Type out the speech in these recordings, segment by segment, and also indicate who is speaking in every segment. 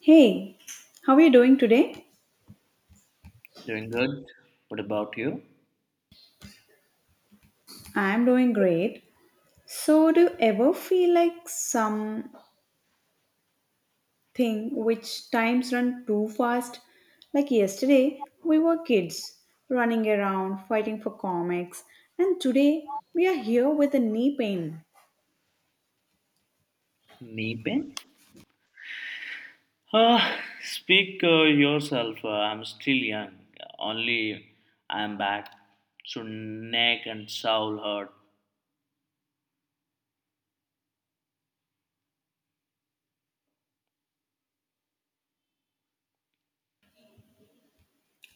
Speaker 1: Hey, how are you doing today?
Speaker 2: Doing good. What about you?
Speaker 1: I'm doing great. So, do you ever feel like something which times run too fast? Like yesterday, we were kids running around fighting for comics, and today we are here with a knee pain.
Speaker 2: Knee pain? Speak yourself. I'm still young. Only I'm back. So neck and soul hurt.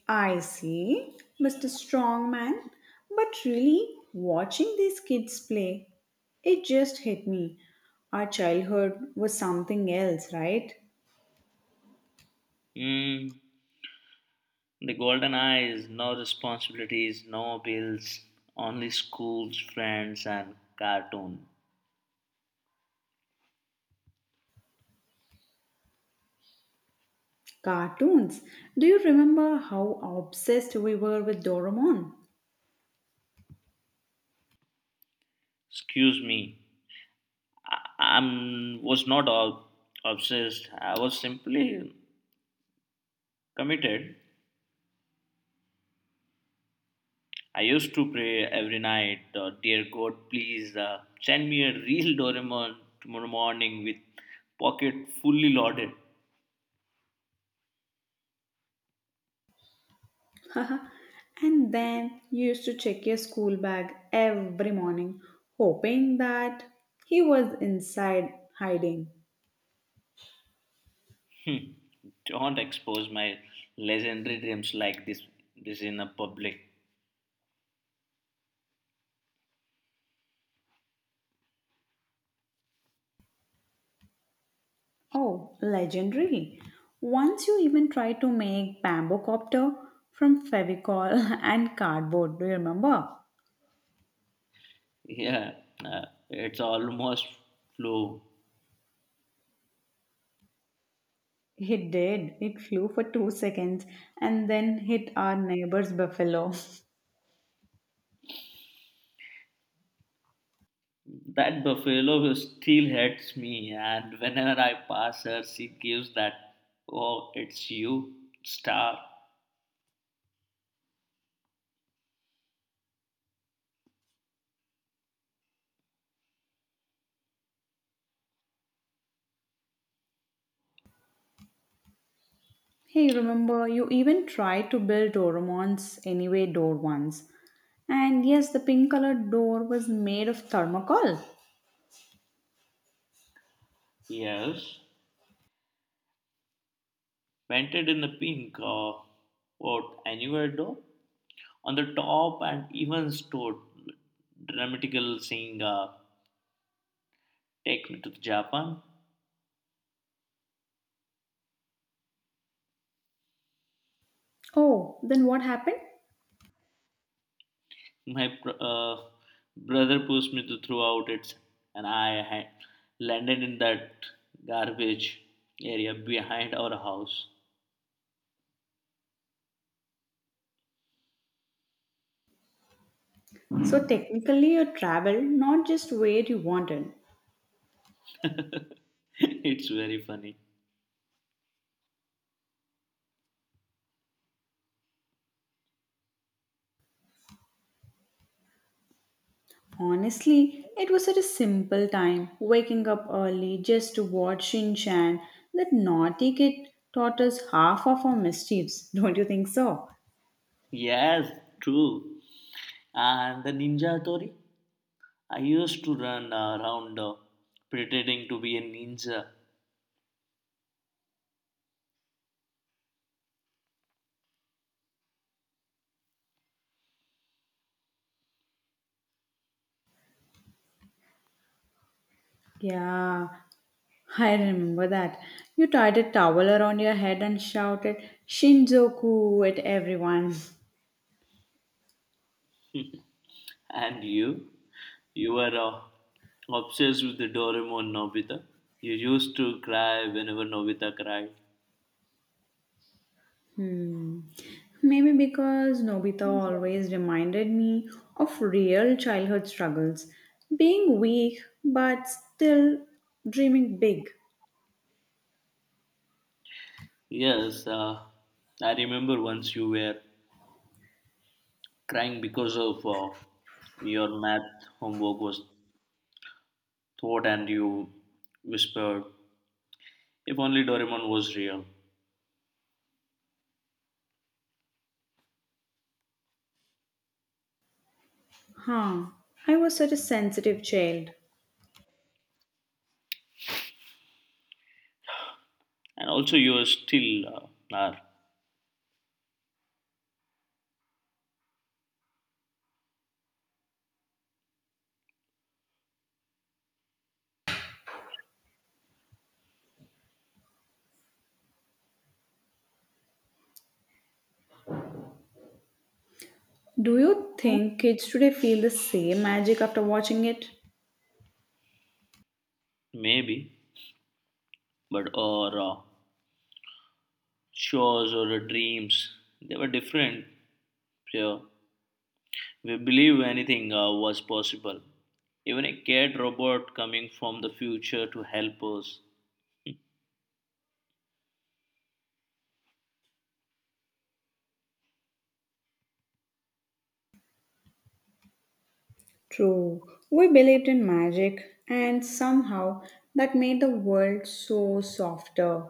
Speaker 1: I see, Mr. Strongman. But really, watching these kids play, it just hit me. Our childhood was something else, right?
Speaker 2: Mm, the golden eyes, no responsibilities, no bills, only schools, friends, and cartoon.
Speaker 1: Cartoons. Do you remember how obsessed we were with Doraemon?
Speaker 2: Excuse me. I was not obsessed. I was simply committed. I used to pray every night, dear God, please send me a real Doraemon tomorrow morning with pocket fully loaded.
Speaker 1: and then you used to check your school bag every morning, hoping that he was inside hiding.
Speaker 2: Hmm. Don't expose my legendary dreams like this. This in a public.
Speaker 1: Oh, legendary. Once you even tried to make bamboo copter from fevicol and cardboard. Do you remember?
Speaker 2: Yeah, it's almost flew.
Speaker 1: It did. It flew for 2 seconds and then hit our neighbor's buffalo.
Speaker 2: That buffalo still hates me, and whenever I pass her, she gives that, oh, it's you, star.
Speaker 1: Hey, remember, you even tried to build Doraemon's Anyway door once. And yes, the pink colored door was made of thermocol.
Speaker 2: Yes, painted in the pink, what, innuendo on the top, and even stored dramatical saying, take me to Japan.
Speaker 1: Oh, then what happened?
Speaker 2: My brother pushed me to throughout it, and I had landed in that garbage area behind our house.
Speaker 1: So, technically, you traveled not just where you wanted.
Speaker 2: It's very funny.
Speaker 1: Honestly, it was such a simple time, waking up early just to watch Shin Chan. That naughty kid taught us half of our mischiefs, don't you think so?
Speaker 2: Yes, true. And the ninja tori, I used to run around pretending to be a ninja.
Speaker 1: Yeah, I remember that. You tied a towel around your head and shouted Shinzoku at everyone.
Speaker 2: And you? You were obsessed with the Doraemon Nobita. You used to cry whenever Nobita cried.
Speaker 1: Hmm. Maybe because Nobita always reminded me of real childhood struggles. Being weak but still dreaming big.
Speaker 2: Yes, I remember once you were crying because of your math homework was taught, and you whispered, if only Doraemon was real.
Speaker 1: Huh. I was such a sensitive child.
Speaker 2: And also you are still are.
Speaker 1: Do you think kids today feel the same magic after watching it?
Speaker 2: Maybe, but or shows or dreams, they were different. Yeah. We believe anything was possible. Even a cat robot coming from the future to help us.
Speaker 1: True, we believed in magic, and somehow that made the world so softer.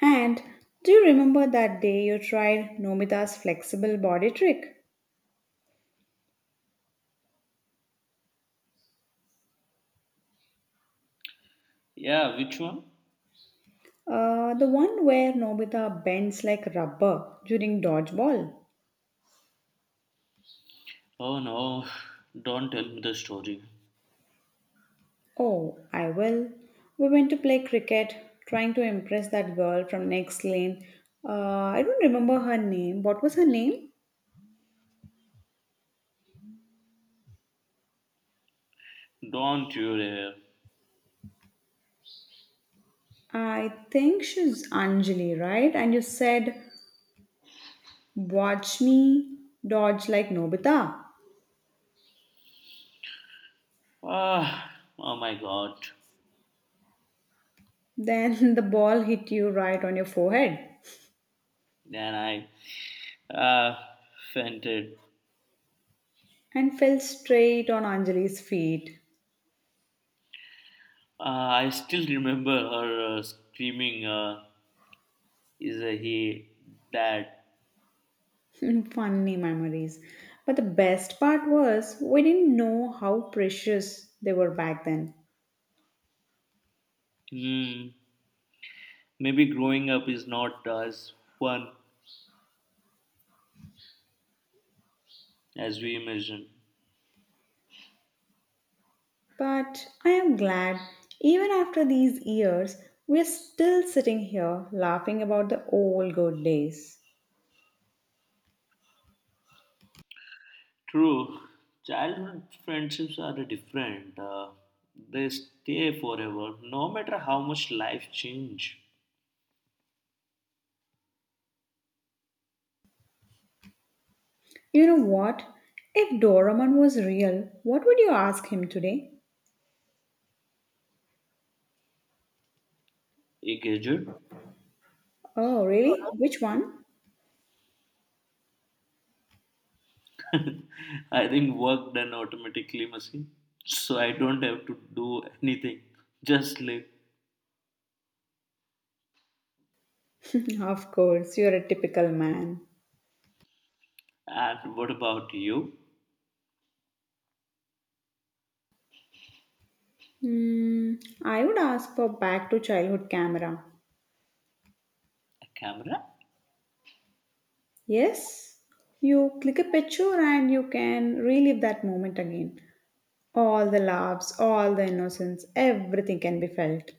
Speaker 1: And do you remember that day you tried Nobita's flexible body trick?
Speaker 2: Yeah, which one?
Speaker 1: The one where Nobita bends like rubber during dodgeball.
Speaker 2: Oh no, don't tell me the story.
Speaker 1: Oh, I will. We went to play cricket, trying to impress that girl from next lane. Uh, I don't remember her name. What was her name?
Speaker 2: Don't you dare.
Speaker 1: I think she's Anjali, right? And you said, watch me dodge like Nobita.
Speaker 2: Ah, oh my god.
Speaker 1: Then the ball hit you right on your forehead
Speaker 2: Then I uh, fainted.
Speaker 1: and fell straight on Anjali's feet.
Speaker 2: I still remember her screaming, is he that?
Speaker 1: Funny memories. But the best part was we didn't know how precious they were back then.
Speaker 2: Hmm, maybe growing up is not as fun as we imagine.
Speaker 1: But I am glad, even after these years, we're still sitting here laughing about the old good days.
Speaker 2: True, childhood friendships are different. They stay forever, no matter how much life change.
Speaker 1: You know what? If Doraemon was real, what would you ask him today?
Speaker 2: A gadget.
Speaker 1: Oh, really? Which one?
Speaker 2: I think work done automatically machine. So I don't have to do anything, just live.
Speaker 1: Of course, you're a typical man.
Speaker 2: And what about you?
Speaker 1: Hmm, I would ask for back to childhood camera.
Speaker 2: A camera?
Speaker 1: Yes, you click a picture and you can relive that moment again. All the laughs, all the innocence, everything can be felt.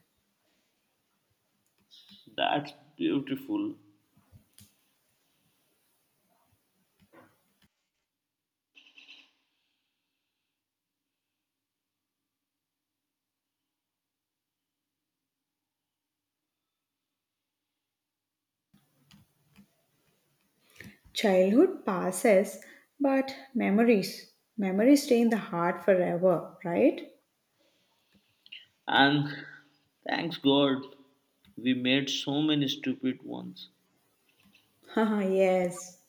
Speaker 2: That's beautiful.
Speaker 1: Childhood passes, but memories, memories stay in the heart forever, right?
Speaker 2: And thanks God, we made so many stupid ones.
Speaker 1: Haha, yes,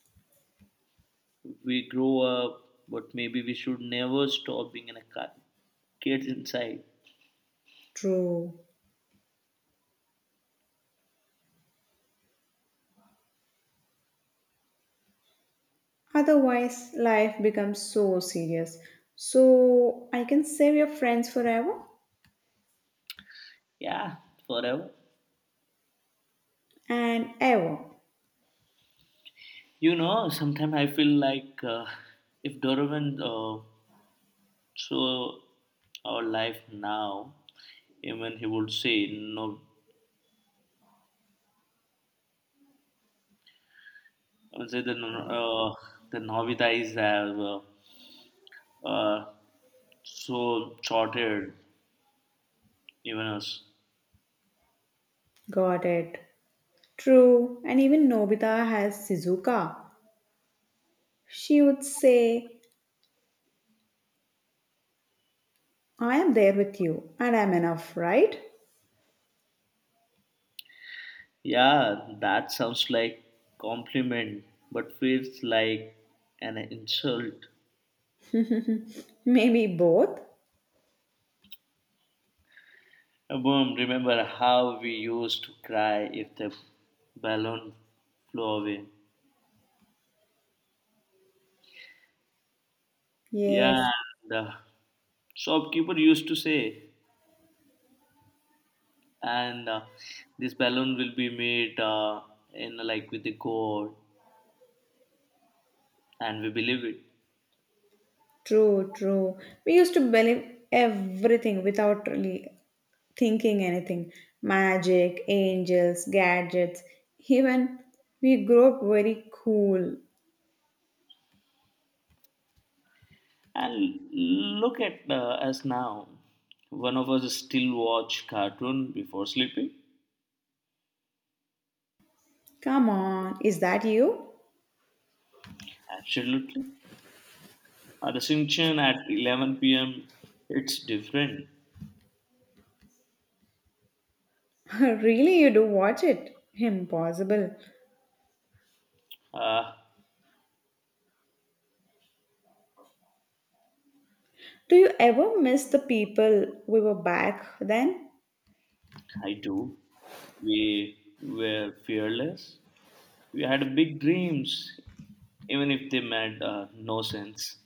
Speaker 2: We grow up, but maybe we should never stop being an a kids inside.
Speaker 1: true. Otherwise, life becomes so serious. So I can save your friends forever
Speaker 2: Yeah, forever.
Speaker 1: and ever.
Speaker 2: You know, sometimes I feel like if Donovan saw our life now, even he would say no. I would say the Novita is uh, so shorted, even us.
Speaker 1: Got it. True. And even Nobita has Shizuka. She would say, I am there with you and I'm enough, right?
Speaker 2: Yeah, that sounds like compliment, but feels like an insult.
Speaker 1: Maybe both.
Speaker 2: Boom, remember how we used to cry if the balloon flew away.
Speaker 1: Yes,
Speaker 2: Yeah, the shopkeeper used to say, and this balloon will be made in like with the gold, and we believe it.
Speaker 1: true, true. We used to believe everything without really thinking anything magic, angels, gadgets. Even we grew up very cool.
Speaker 2: And look at us now. One of us still watch cartoon before sleeping.
Speaker 1: Come on, is that you?
Speaker 2: Absolutely. The Shinchan at 11 p.m. It's different.
Speaker 1: Really, you do watch it? Impossible.
Speaker 2: Uh,
Speaker 1: Do you ever miss the people we were back then?
Speaker 2: I do. We were fearless. We had big dreams, even if they made no sense.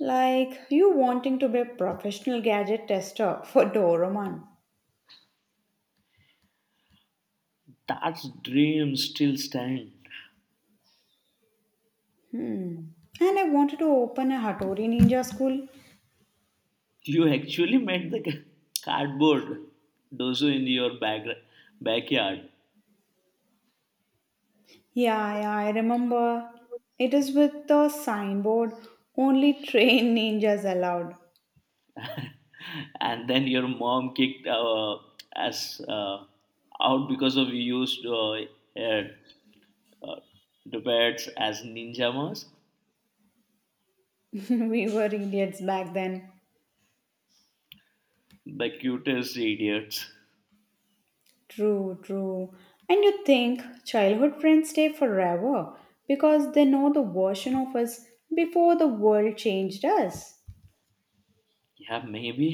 Speaker 1: Like you wanting to be a professional gadget tester for Doraemon.
Speaker 2: That dreams still stand.
Speaker 1: Hmm. And I wanted to open a Hattori Ninja school.
Speaker 2: You actually made the cardboard dozo in your backyard,
Speaker 1: Yeah, yeah, I remember. It is with the signboard, only trained ninjas allowed.
Speaker 2: and then your mom kicked us out because of you used uh, uh, the pets as ninja masks.
Speaker 1: We were idiots back then.
Speaker 2: The cutest idiots.
Speaker 1: True, true. And you think childhood friends stay forever because they know the version of us before the world changed us.
Speaker 2: Yeah, maybe,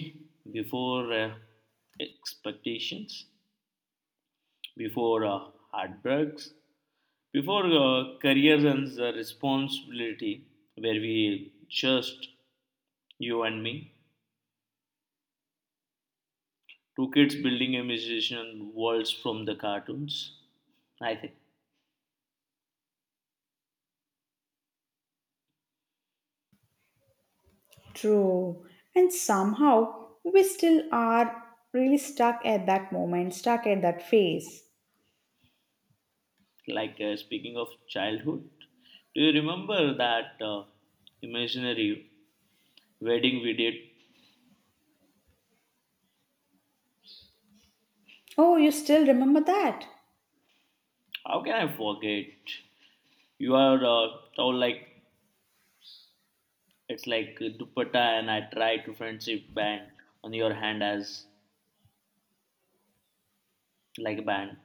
Speaker 2: before expectations, before heartbreaks, before careers and the responsibility, where we just you and me, two kids building a musician worlds from the cartoons, I think.
Speaker 1: True. And somehow we still are really stuck at that moment, stuck at that phase.
Speaker 2: Like, speaking of childhood, do you remember that imaginary wedding we did?
Speaker 1: Oh, you still remember that?
Speaker 2: How can I forget? You are tall like, it's like a dupatta, and I try to friendship band on your hand as like a band.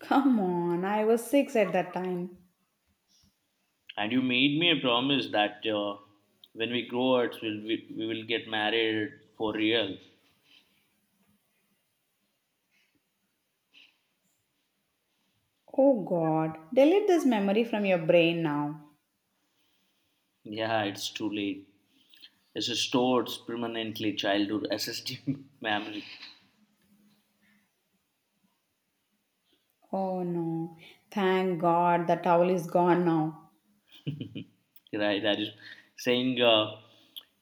Speaker 1: Come on, I was six at that time.
Speaker 2: And you made me a promise that when we grow up, we will get married for real.
Speaker 1: Oh God, delete this memory from your brain now.
Speaker 2: Yeah, it's too late. It's stored permanently childhood SSD memory.
Speaker 1: Oh no, thank God the towel is gone now.
Speaker 2: Right, that is saying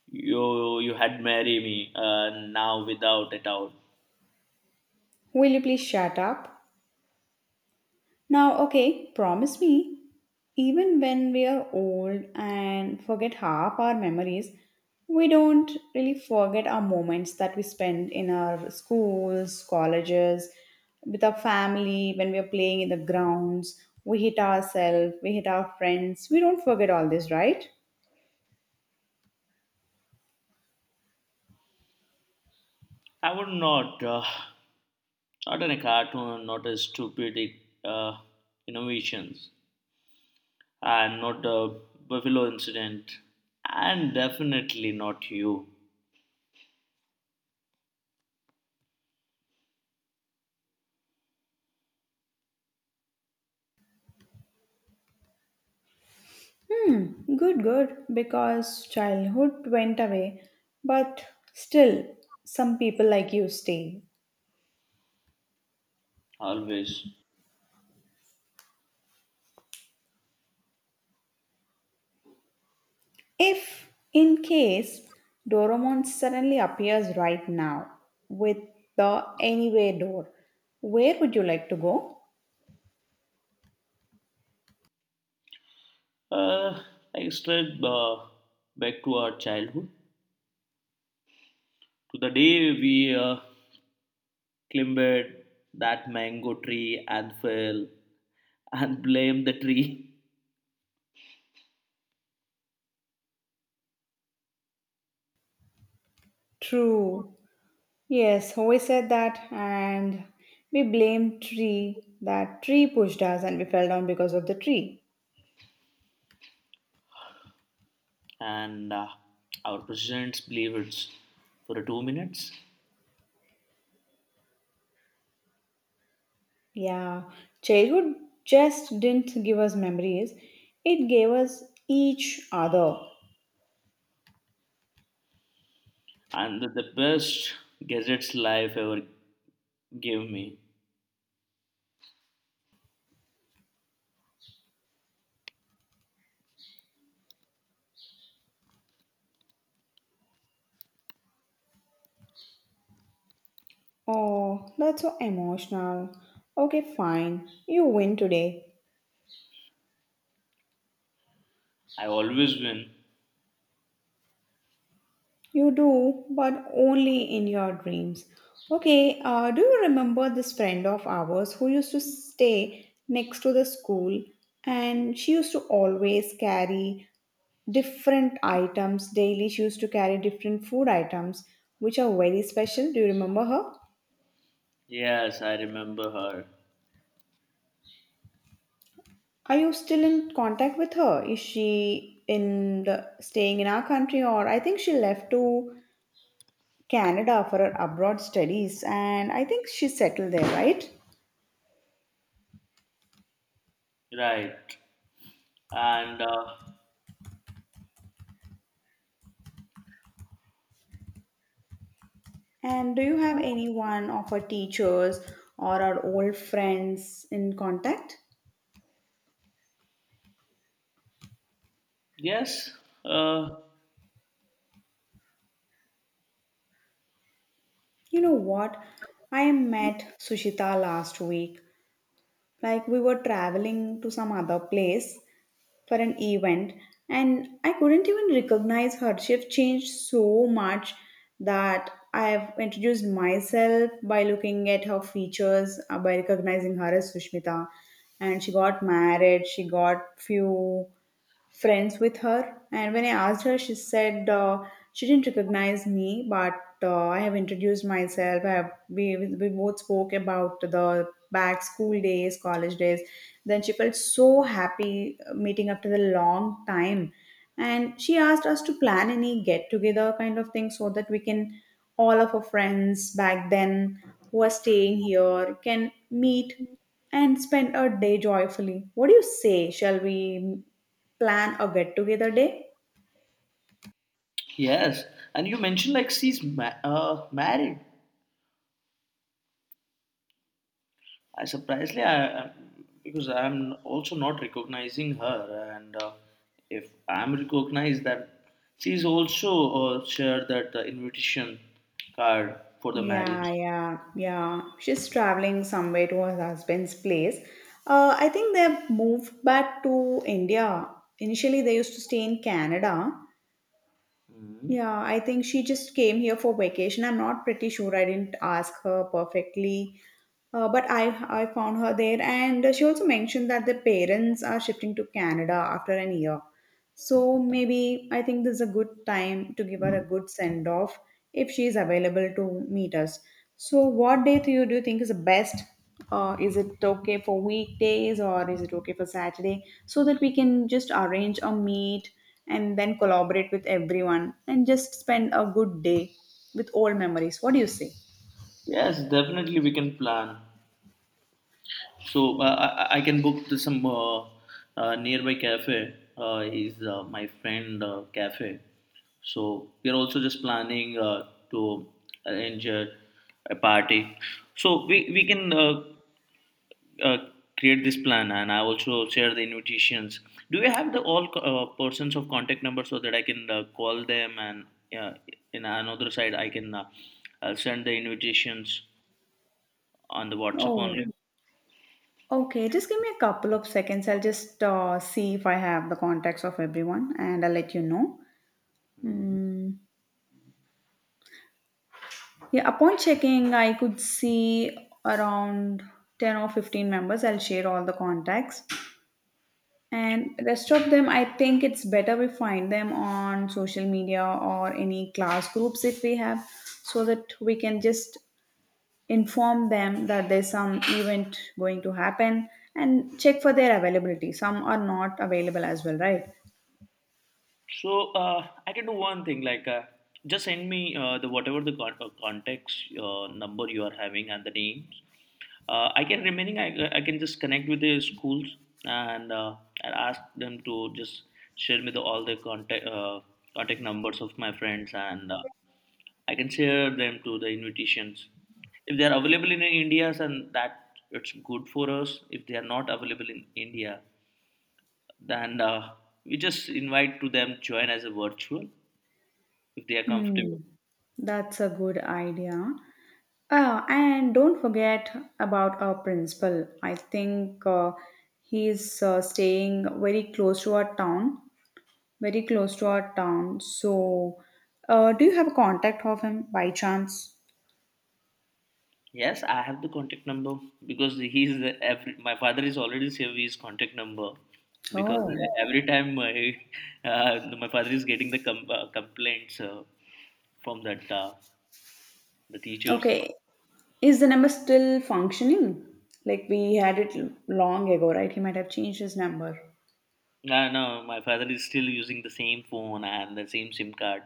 Speaker 2: you had marry me now without a doubt.
Speaker 1: Will you please shut up? Now, okay, promise me, even when we are old and forget half our memories, we don't really forget our moments that we spend in our schools, colleges, with our family, when we are playing in the grounds, we hit ourselves, we hit our friends. We don't forget all this, right?
Speaker 2: I would not, not in a cartoon, not a stupid uh, innovations. And not a Buffalo incident, and definitely not you.
Speaker 1: Good, good, because childhood went away, but still, some people like you stay.
Speaker 2: Always.
Speaker 1: If, in case, Doraemon suddenly appears right now with the anywhere door, where would you like to go?
Speaker 2: Uh, I strayed back to our childhood, to the day we climbed that mango tree and fell and blamed the tree,
Speaker 1: True. Yes, we said that, and we blamed tree. That tree pushed us, and we fell down because of the tree.
Speaker 2: and our presidents believed it for 2 minutes,
Speaker 1: Yeah, childhood just didn't give us memories; it gave us each other.
Speaker 2: and the best gadgets life ever gave me.
Speaker 1: Oh, that's so emotional. Okay, fine. You win today.
Speaker 2: I always win.
Speaker 1: You do, but only in your dreams. Okay, do you remember this friend of ours who used to stay next to the school and she used to always carry different items daily? She used to carry different food items which are very special. Do you remember her?
Speaker 2: Yes, I remember her.
Speaker 1: Are you still in contact with her? Is she in the staying in our country, or I think she left to Canada for her abroad studies, and I think she settled there, right?
Speaker 2: Right. And
Speaker 1: And do you have anyone of our teachers or our old friends in contact?
Speaker 2: yes, uh,
Speaker 1: You know what? I met Sushita last week. Like we were traveling to some other place for an event and I couldn't even recognize her. She've changed so much that I've introduced myself by looking at her features, by recognizing her as Sushmita. And she got married, she got few friends with her. And when I asked her, she said she didn't recognize me, but I have introduced myself. I have, we both spoke about the back school days, college days. Then she felt so happy meeting after the long time. And she asked us to plan any get together kind of thing so that we can, all of our friends back then who are staying here, can meet and spend a day joyfully. What do you say? Shall we plan a get together day?
Speaker 2: yes. And you mentioned like she's married. I Surprisingly, I because I'm also not recognizing her, and if I'm recognized, that she's also shared that invitation card for the marriage.
Speaker 1: Yeah, yeah, yeah. She's traveling somewhere to her husband's place. I think they've moved back to India. Initially, they used to stay in Canada.
Speaker 2: Mhm.
Speaker 1: Yeah, I think she just came here for vacation. I'm not pretty sure. I didn't ask her perfectly, but I found her there, and she also mentioned that the parents are shifting to Canada after an year. So maybe I think this is a good time to give her a good send off if she is available to meet us. So what day do you think is the best? Is it okay for weekdays or is it okay for Saturday? So that we can just arrange a meet and then collaborate with everyone and just spend a good day with old memories. What do you say?
Speaker 2: Yes, definitely we can plan. So I can book to some nearby cafe. Is my friend cafe. So we are also just planning to arrange a party. So we can uh, create this plan, and I also share the invitations. Do you have the all persons of contact number so that I can call them, and uh, in another side I can send the invitations on the WhatsApp only.
Speaker 1: Oh, okay. Just give me a couple of seconds. I'll just see if I have the contacts of everyone and I'll let you know. Hmm. Yeah, upon checking, I could see around 10 or 15 members. I'll share all the contacts. And rest of them, I think it's better we find them on social media or any class groups if we have, so that we can just inform them that there's some event going to happen and check for their availability. Some are not available as well, right?
Speaker 2: So I can do one thing like, just send me the whatever the context number you are having and the names. I can remaining I can just connect with the schools and uh, and ask them to just share me the all the contact numbers of my friends, and I can share them to the invitations if they are available in India, and that it's good for us. If they are not available in India, then we just invite to them join as a virtual if they are
Speaker 1: Hmm.
Speaker 2: comfortable.
Speaker 1: That's a good idea. And don't forget about our principal. I think he's staying very close to our town, very close to our town. So, do you have a contact of him by chance?
Speaker 2: Yes, I have the contact number because he is the every, my father is already saved his contact number, because
Speaker 1: Oh,
Speaker 2: every time my my father is getting the complaints from that the teachers.
Speaker 1: okay. Is the number still functioning? Like we had it long ago, right? He might have changed his number.
Speaker 2: No, no, my father is still using the same phone and the same SIM card.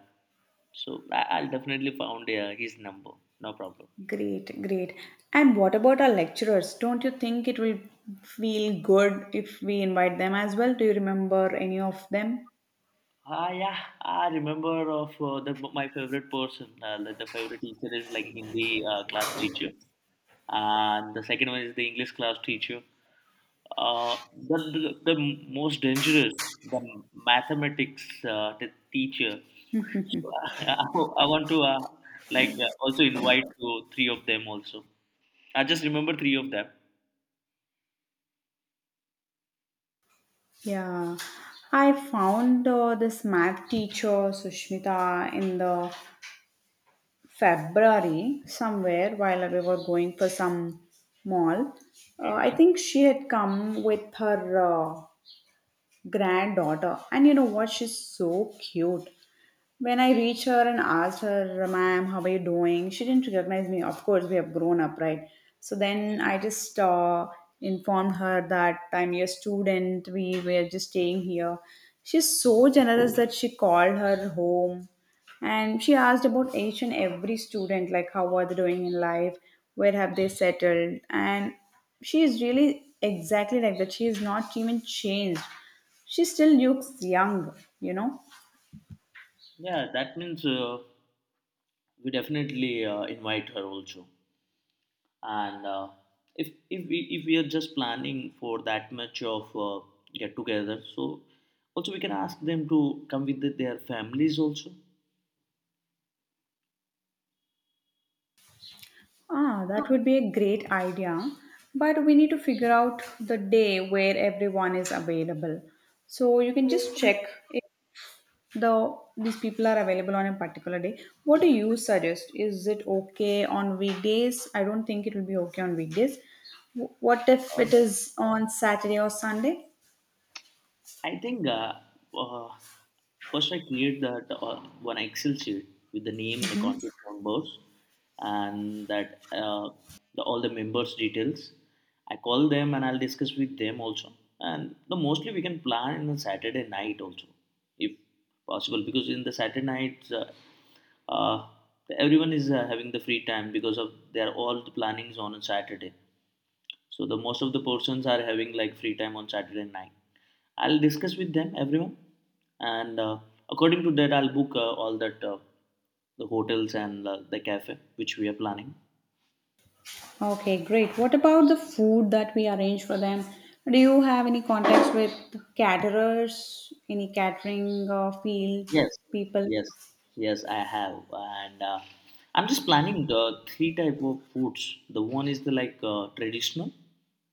Speaker 2: So I'll definitely found his number. No problem.
Speaker 1: Great, great. And what about our lecturers? Don't you think it will feel good if we invite them as well? Do you remember any of them?
Speaker 2: Ah, yeah, I remember of the my favorite person. The favorite teacher is like Hindi class teacher, and the second one is the English class teacher. The most dangerous, the mathematics the teacher. So, I want to, like, also invite to three of them also. I just remember three of them.
Speaker 1: Yeah, I found this math teacher Sushmita in the February somewhere while we were going for some mall. I
Speaker 2: Mhm.
Speaker 1: think she had come with her granddaughter, and you know what? She's so cute. When I reached her and asked her, ma'am, how are you doing? She didn't recognize me. Of course, we have grown up, right? So then
Speaker 2: Mm.
Speaker 1: I just informed her that I'm your student. We were just staying here. She's so generous that she called her home and she asked about each and every student, like how are they doing in life? Where have they settled? And she is really exactly like that. She is not even changed. She still looks young, you know?
Speaker 2: Yeah, that means we definitely invite her also. And if we are just planning for that much of get together, so also we can ask them to come with the- their families also.
Speaker 1: Ah, that would be a great idea. But we need to figure out the day where everyone is available. So you can just check if these people are available on a particular day. What do you suggest? Is it okay on weekdays? I don't think it will be okay on weekdays. What if it
Speaker 2: uh,
Speaker 1: is on Saturday or Sunday?
Speaker 2: i think uh, uh, first I create that one excel sheet with the name and the contact numbers, and that all the members details, I call them, and I'll discuss with them also. And the mostly we can plan in the Saturday night also, if possible, because in the Saturday nights, uh, everyone is having the free time because of they're all the plannings on a Saturday. So the most of the persons are having like free time on Saturday night. I'll discuss with them everyone, and according to that, I'll book all that, the hotels, and the cafe which we are planning.
Speaker 1: Okay, great. What about the food that we arrange for them? Do you have any contacts with caterers, any catering field
Speaker 2: Yes,
Speaker 1: people?
Speaker 2: yes, yes, I have, and I'm just planning the three type of foods. The one is the like, traditional,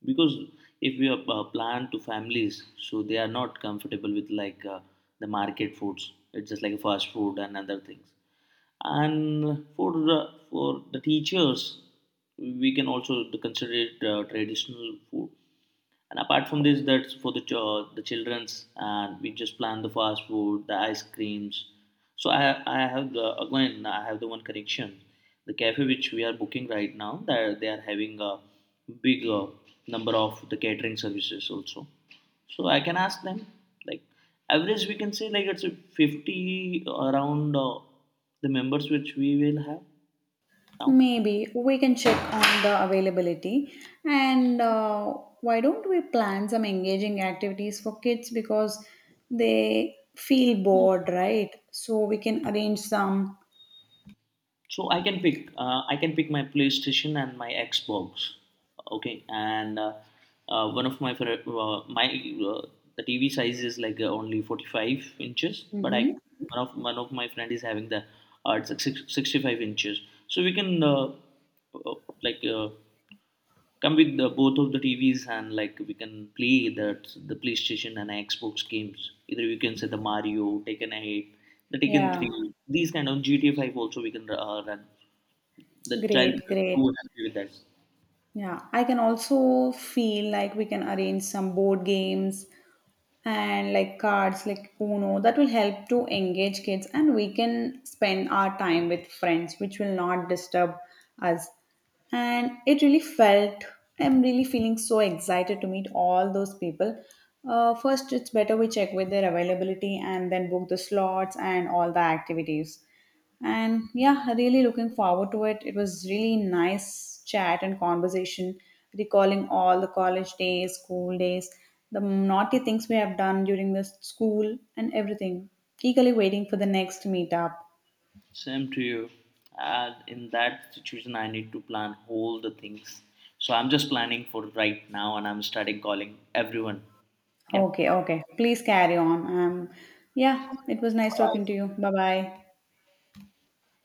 Speaker 2: because if we are plan to families, so they are not comfortable with like the market foods. It's just like fast food and other things. And for for the teachers, we can also consider it traditional food. And apart from this, that's for the the childrens, and we just plan the fast food, the ice creams. So I have the again I have the one correction, the cafe which we are booking right now that they are having a big number of the catering services also. So I can ask them, like average we can say like it's a 50 around the members which we will have now.
Speaker 1: Maybe we can check on the availability and why don't we plan some engaging activities for kids because they feel bored, right? So we can arrange some.
Speaker 2: So I can pick. I can pick my PlayStation and my Xbox. Okay, and one of my favorite, my the TV size is like, only 45 inches, but I,
Speaker 1: Mm-hmm.
Speaker 2: one of my friend is having the, it's like 65 inches. So we can uh, like, come with the, both of the TVs, and like we can play that the PlayStation and Xbox games. Either we can say the Mario, Taken 8, the Taken
Speaker 1: Yeah,
Speaker 2: Three, these kind of GTA 5 also we can run. The child
Speaker 1: great,
Speaker 2: is
Speaker 1: great.
Speaker 2: too happy with that.
Speaker 1: Yeah, I can also feel like we can arrange some board games and like cards like uno that will help to engage kids and we can spend our time with friends which will not disturb us and it really felt, I'm really feeling so excited to meet all those people. First it's better we check with their availability and then book the slots and all the activities, and yeah, really looking forward to it. It was really nice chat and conversation, recalling all the college days, school days, the naughty things we have done during the school and everything. Eagerly waiting for the next meetup.
Speaker 2: Same to you. And in that situation, I need to plan all the things. So I'm just planning for right now, and I'm starting calling everyone. Yeah.
Speaker 1: Okay, okay. Please carry on. Yeah, it was nice talking to you. Bye bye.